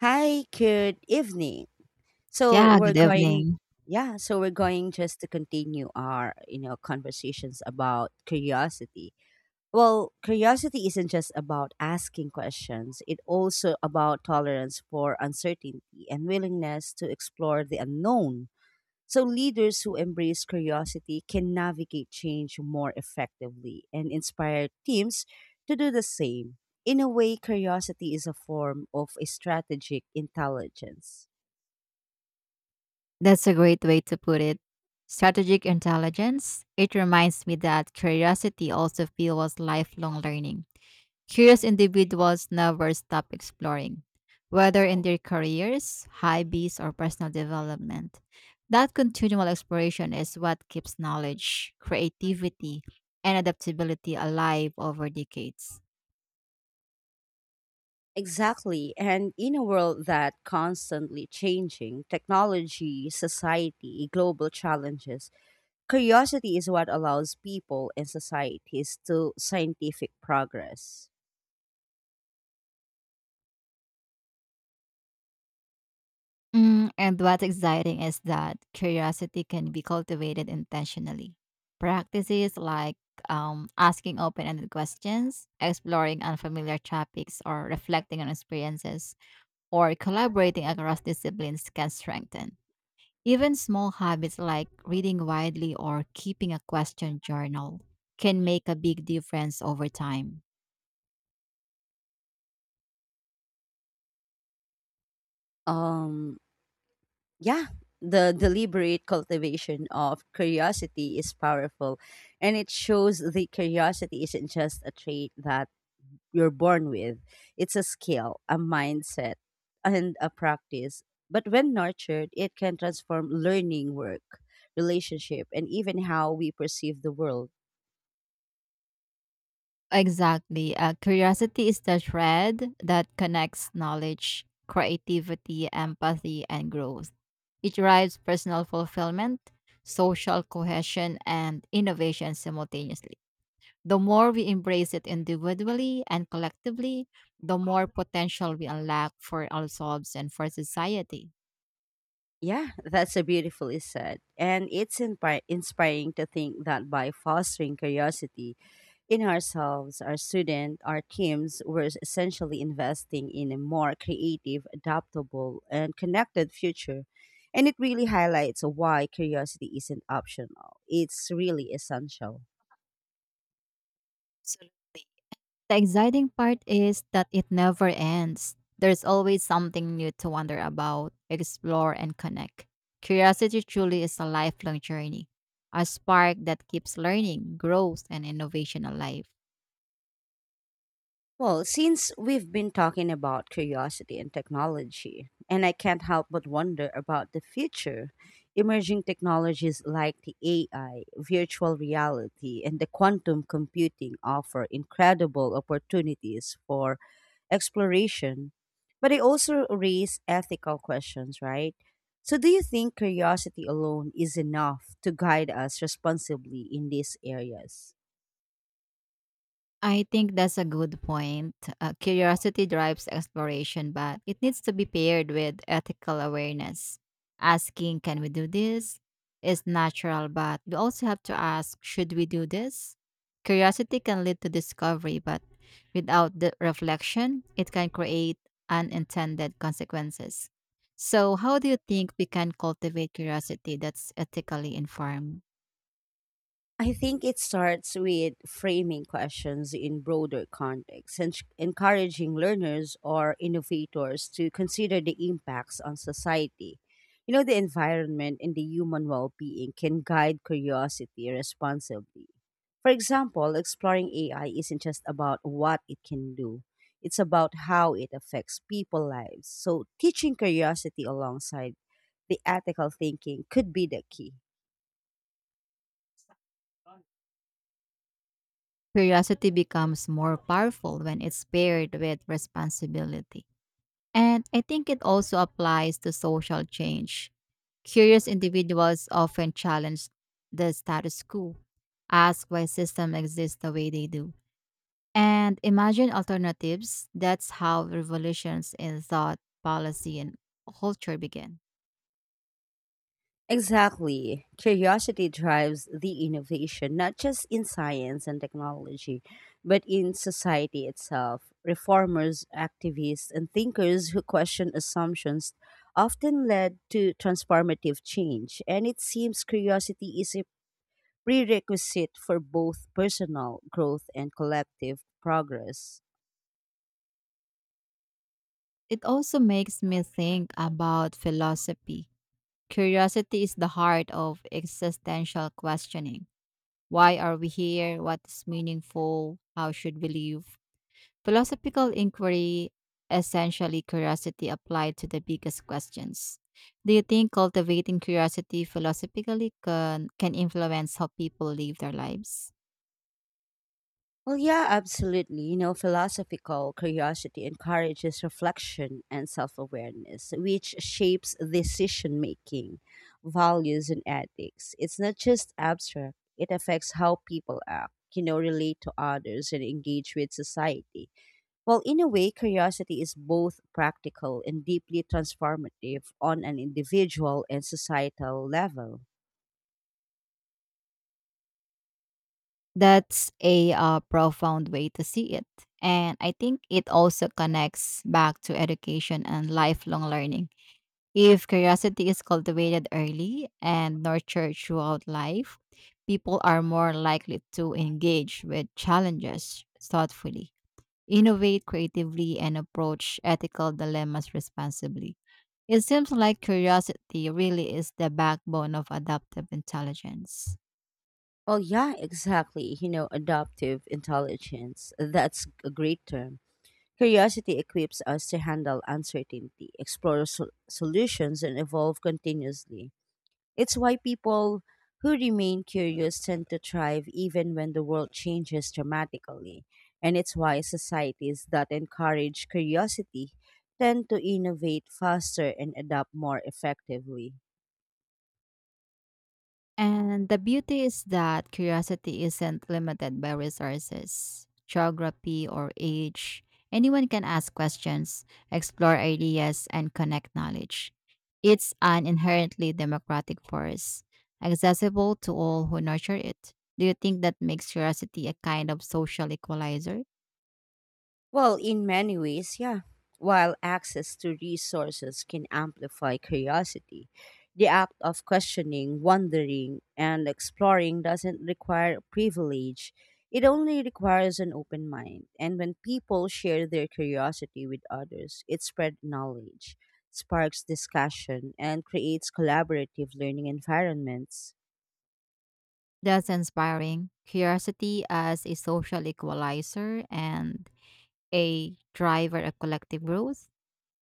Hi, good evening. So Yeah, we're good going, evening. yeah, so we're going just to continue our conversations about curiosity. Well, curiosity isn't just about asking questions. It also about tolerance for uncertainty and willingness to explore the unknown. So leaders who embrace curiosity can navigate change more effectively and inspire teams to do the same. In a way, curiosity is a form of a strategic intelligence. That's a great way to put it. Strategic intelligence. It reminds me that curiosity also fuels lifelong learning. Curious individuals never stop exploring, whether in their careers, hobbies, or personal development. That continual exploration is what keeps knowledge, creativity, and adaptability alive over decades. Exactly. And in a world that constantly changing, technology, society, global challenges, curiosity is what allows people and societies to scientific progress. Mm, and what's exciting is that curiosity can be cultivated intentionally. Practices like asking open ended questions, exploring unfamiliar topics, or reflecting on experiences, or collaborating across disciplines can strengthen. Even small habits like reading widely or keeping a question journal can make a big difference over time. Um Yeah, the deliberate cultivation of curiosity is powerful, and it shows that curiosity isn't just a trait that you're born with. It's a skill, a mindset, and a practice. But when nurtured, it can transform learning, work, relationship, and even how we perceive the world. Exactly. Curiosity is the thread that connects knowledge, creativity, empathy, and growth. It drives personal fulfillment, social cohesion, and innovation simultaneously. The more we embrace it individually and collectively, the more potential we unlock for ourselves and for society. Yeah, that's a beautifully said. And it's inspiring to think that by fostering curiosity, in ourselves, our students, our teams, we're essentially investing in a more creative, adaptable, and connected future. And it really highlights why curiosity isn't optional, it's really essential. Absolutely. The exciting part is that it never ends. There's always something new to wonder about, explore, and connect. Curiosity truly is a lifelong journey, a spark that keeps learning, growth, and innovation alive. Well, since we've been talking about curiosity and technology, and I can't help but wonder about the future, emerging technologies like the AI, virtual reality, and the quantum computing offer incredible opportunities for exploration, but they also raise ethical questions, right? So, do you think curiosity alone is enough to guide us responsibly in these areas? I think that's a good point. Curiosity drives exploration, but it needs to be paired with ethical awareness. Asking, can we do this? Is natural, but we also have to ask, should we do this? Curiosity can lead to discovery, but without the reflection, it can create unintended consequences. So, how do you think we can cultivate curiosity that's ethically informed? I think it starts with framing questions in broader contexts and encouraging learners or innovators to consider the impacts on society. You know, the environment and the human well being can guide curiosity responsibly. For example, exploring AI isn't just about what it can do, it's about how it affects people's lives. So, teaching curiosity alongside the ethical thinking could be the key. Curiosity becomes more powerful when it's paired with responsibility. And I think it also applies to social change. Curious individuals often challenge the status quo, ask why systems exist the way they do, and imagine alternatives. That's how revolutions in thought, policy, and culture begin. Exactly. Curiosity drives the innovation, not just in science and technology, but in society itself. Reformers, activists, and thinkers who question assumptions often led to transformative change, and it seems curiosity is a prerequisite for both personal growth and collective progress. It also makes me think about philosophy. Curiosity is the heart of existential questioning. Why are we here? What is meaningful? How should we live? Philosophical inquiry, essentially curiosity applied to the biggest questions. Do you think cultivating curiosity philosophically can influence how people live their lives? Well, yeah, absolutely. You know, philosophical curiosity encourages reflection and self awareness, which shapes decision making, values, and ethics. It's not just abstract, it affects how people act, relate to others, and engage with society. Well, in a way, curiosity is both practical and deeply transformative on an individual and societal level. That's a profound way to see it. And I think it also connects back to education and lifelong learning. If curiosity is cultivated early and nurtured throughout life, people are more likely to engage with challenges thoughtfully, innovate creatively, and approach ethical dilemmas responsibly. It seems like curiosity really is the backbone of adaptive intelligence. Well, yeah, exactly. You know, adaptive intelligence, that's a great term. Curiosity equips us to handle uncertainty, explore solutions, and evolve continuously. It's why people who remain curious tend to thrive even when the world changes dramatically. And it's why societies that encourage curiosity tend to innovate faster and adapt more effectively. And the beauty is that curiosity isn't limited by resources, geography, or age. Anyone can ask questions, explore ideas, and connect knowledge. It's an inherently democratic force, accessible to all who nurture it. Do you think that makes curiosity a kind of social equalizer? Well, in many ways, yeah. While access to resources can amplify curiosity, the act of questioning, wondering, and exploring doesn't require privilege. It only requires an open mind. And when people share their curiosity with others, it spreads knowledge, sparks discussion, and creates collaborative learning environments. That's inspiring. Curiosity as a social equalizer and a driver of collective growth.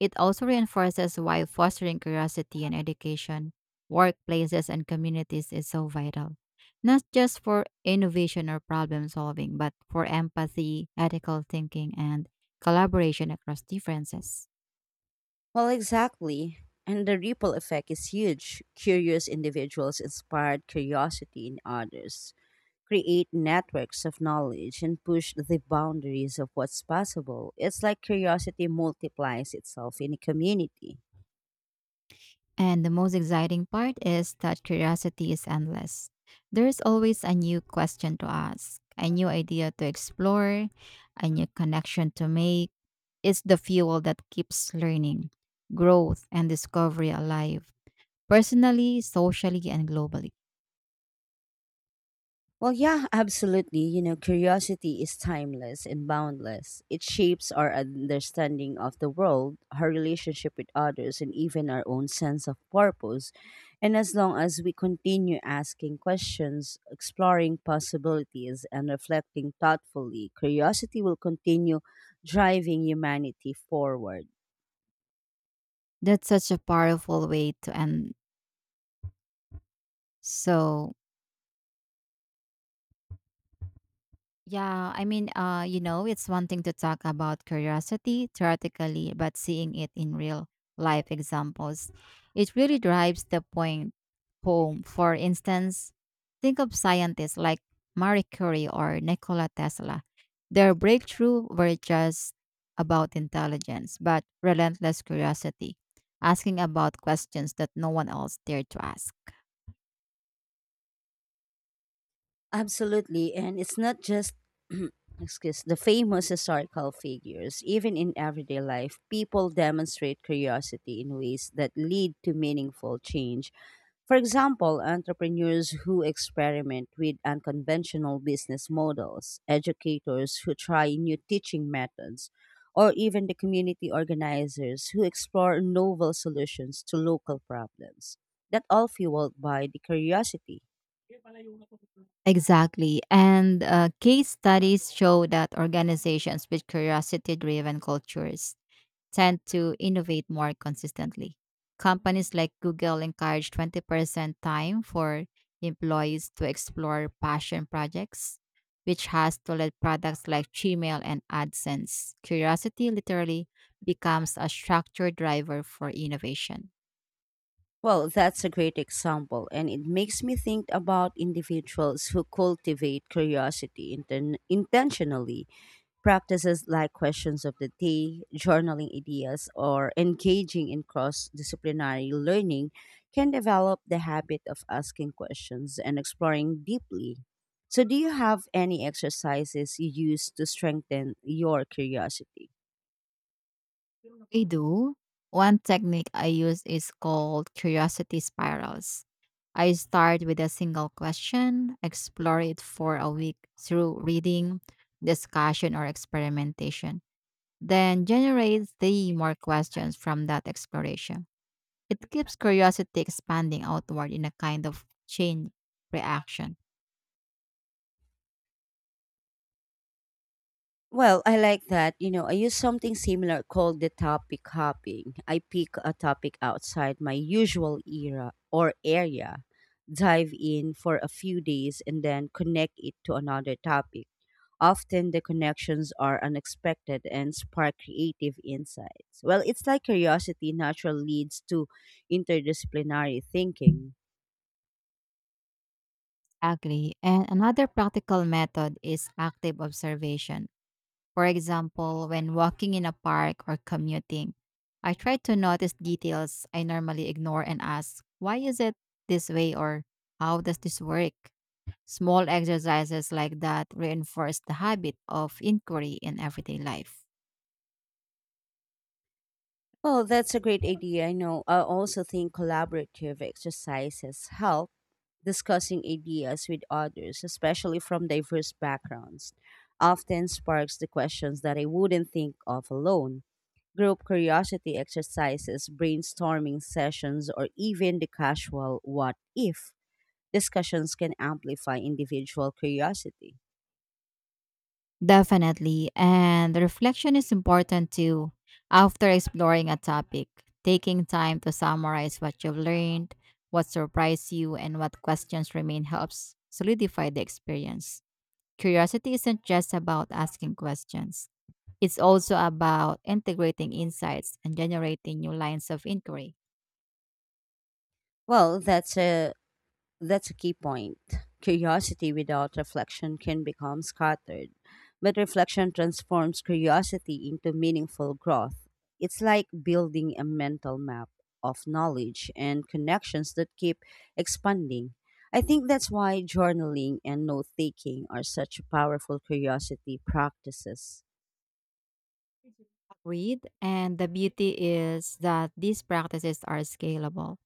It also reinforces why fostering curiosity in education, workplaces, and communities is so vital, not just for innovation or problem solving, but for empathy, ethical thinking, and collaboration across differences. Well, exactly. And the ripple effect is huge. Curious individuals inspired curiosity in others, create networks of knowledge, and push the boundaries of what's possible. It's like curiosity multiplies itself in a community. And the most exciting part is that curiosity is endless. There is always a new question to ask, a new idea to explore, a new connection to make. It's the fuel that keeps learning, growth, and discovery alive personally, socially, and globally. Well, yeah, absolutely. You know, curiosity is timeless and boundless. It shapes our understanding of the world, our relationship with others, and even our own sense of purpose. And as long as we continue asking questions, exploring possibilities, and reflecting thoughtfully, curiosity will continue driving humanity forward. That's such a powerful way to end. So, yeah, I mean, it's one thing to talk about curiosity theoretically, but seeing it in real life examples, it really drives the point home. For instance, think of scientists like Marie Curie or Nikola Tesla. Their breakthrough were just about intelligence, but relentless curiosity, asking about questions that no one else dared to ask. Absolutely, and it's not just excuse the famous historical figures. Even in everyday life, people demonstrate curiosity in ways that lead to meaningful change. For example, entrepreneurs who experiment with unconventional business models, educators who try new teaching methods, or even the community organizers who explore novel solutions to local problems. That all fueled by the curiosity. Exactly. And case studies show that organizations with curiosity driven cultures tend to innovate more consistently. Companies like Google encourage 20% time for employees to explore passion projects, which has to let products like Gmail and AdSense. Curiosity literally becomes a structured driver for innovation. Well, that's a great example, and it makes me think about individuals who cultivate curiosity intentionally. Practices like questions of the day, journaling ideas, or engaging in cross disciplinary learning can develop the habit of asking questions and exploring deeply. So, do you have any exercises you use to strengthen your curiosity? I do. One technique I use is called curiosity spirals. I start with a single question, explore it for a week through reading, discussion, or experimentation. Then generates the more questions from that exploration. It keeps curiosity expanding outward in a kind of chain reaction. Well, I like that. You know, I use something similar called the topic hopping. I pick a topic outside my usual era or area, dive in for a few days, and then connect it to another topic. Often the connections are unexpected and spark creative insights. Well, it's like curiosity naturally leads to interdisciplinary thinking. Agree. And another practical method is active observation. For example, when walking in a park or commuting, I try to notice details I normally ignore and ask, why is it this way or how does this work? Small exercises like that reinforce the habit of inquiry in everyday life. Well, that's a great idea. I know. I also think collaborative exercises help discussing ideas with others, especially from diverse backgrounds, often sparks the questions that I wouldn't think of alone. Group curiosity exercises, brainstorming sessions, or even the casual what if discussions can amplify individual curiosity. Definitely. And the reflection is important too. After exploring a topic, taking time to summarize what you've learned, what surprised you, and what questions remain helps solidify the experience. Curiosity isn't just about asking questions, it's also about integrating insights and generating new lines of inquiry. Well, that's a key point. Curiosity without reflection can become scattered, but reflection transforms curiosity into meaningful growth. It's like building a mental map of knowledge and connections that keep expanding. I think that's why journaling and note taking are such powerful curiosity practices. Read. And the beauty is that these practices are scalable.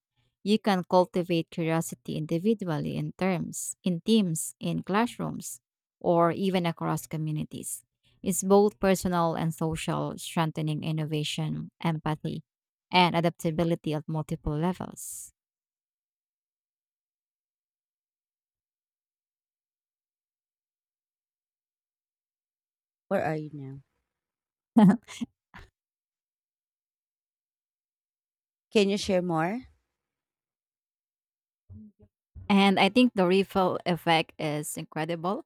You can cultivate curiosity individually in terms, in teams, in classrooms, or even across communities. It's both personal and social, strengthening innovation, empathy, and adaptability at multiple levels. Where are you now? Can you share more? And I think the ripple effect is incredible.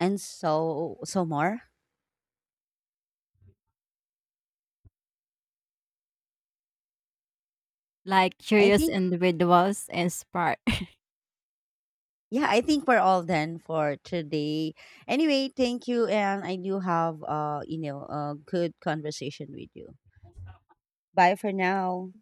And so, so more? Like I curious think individuals inspire Yeah, I think we're all done for today. Anyway, thank you, and I do have a good conversation with you. Bye for now.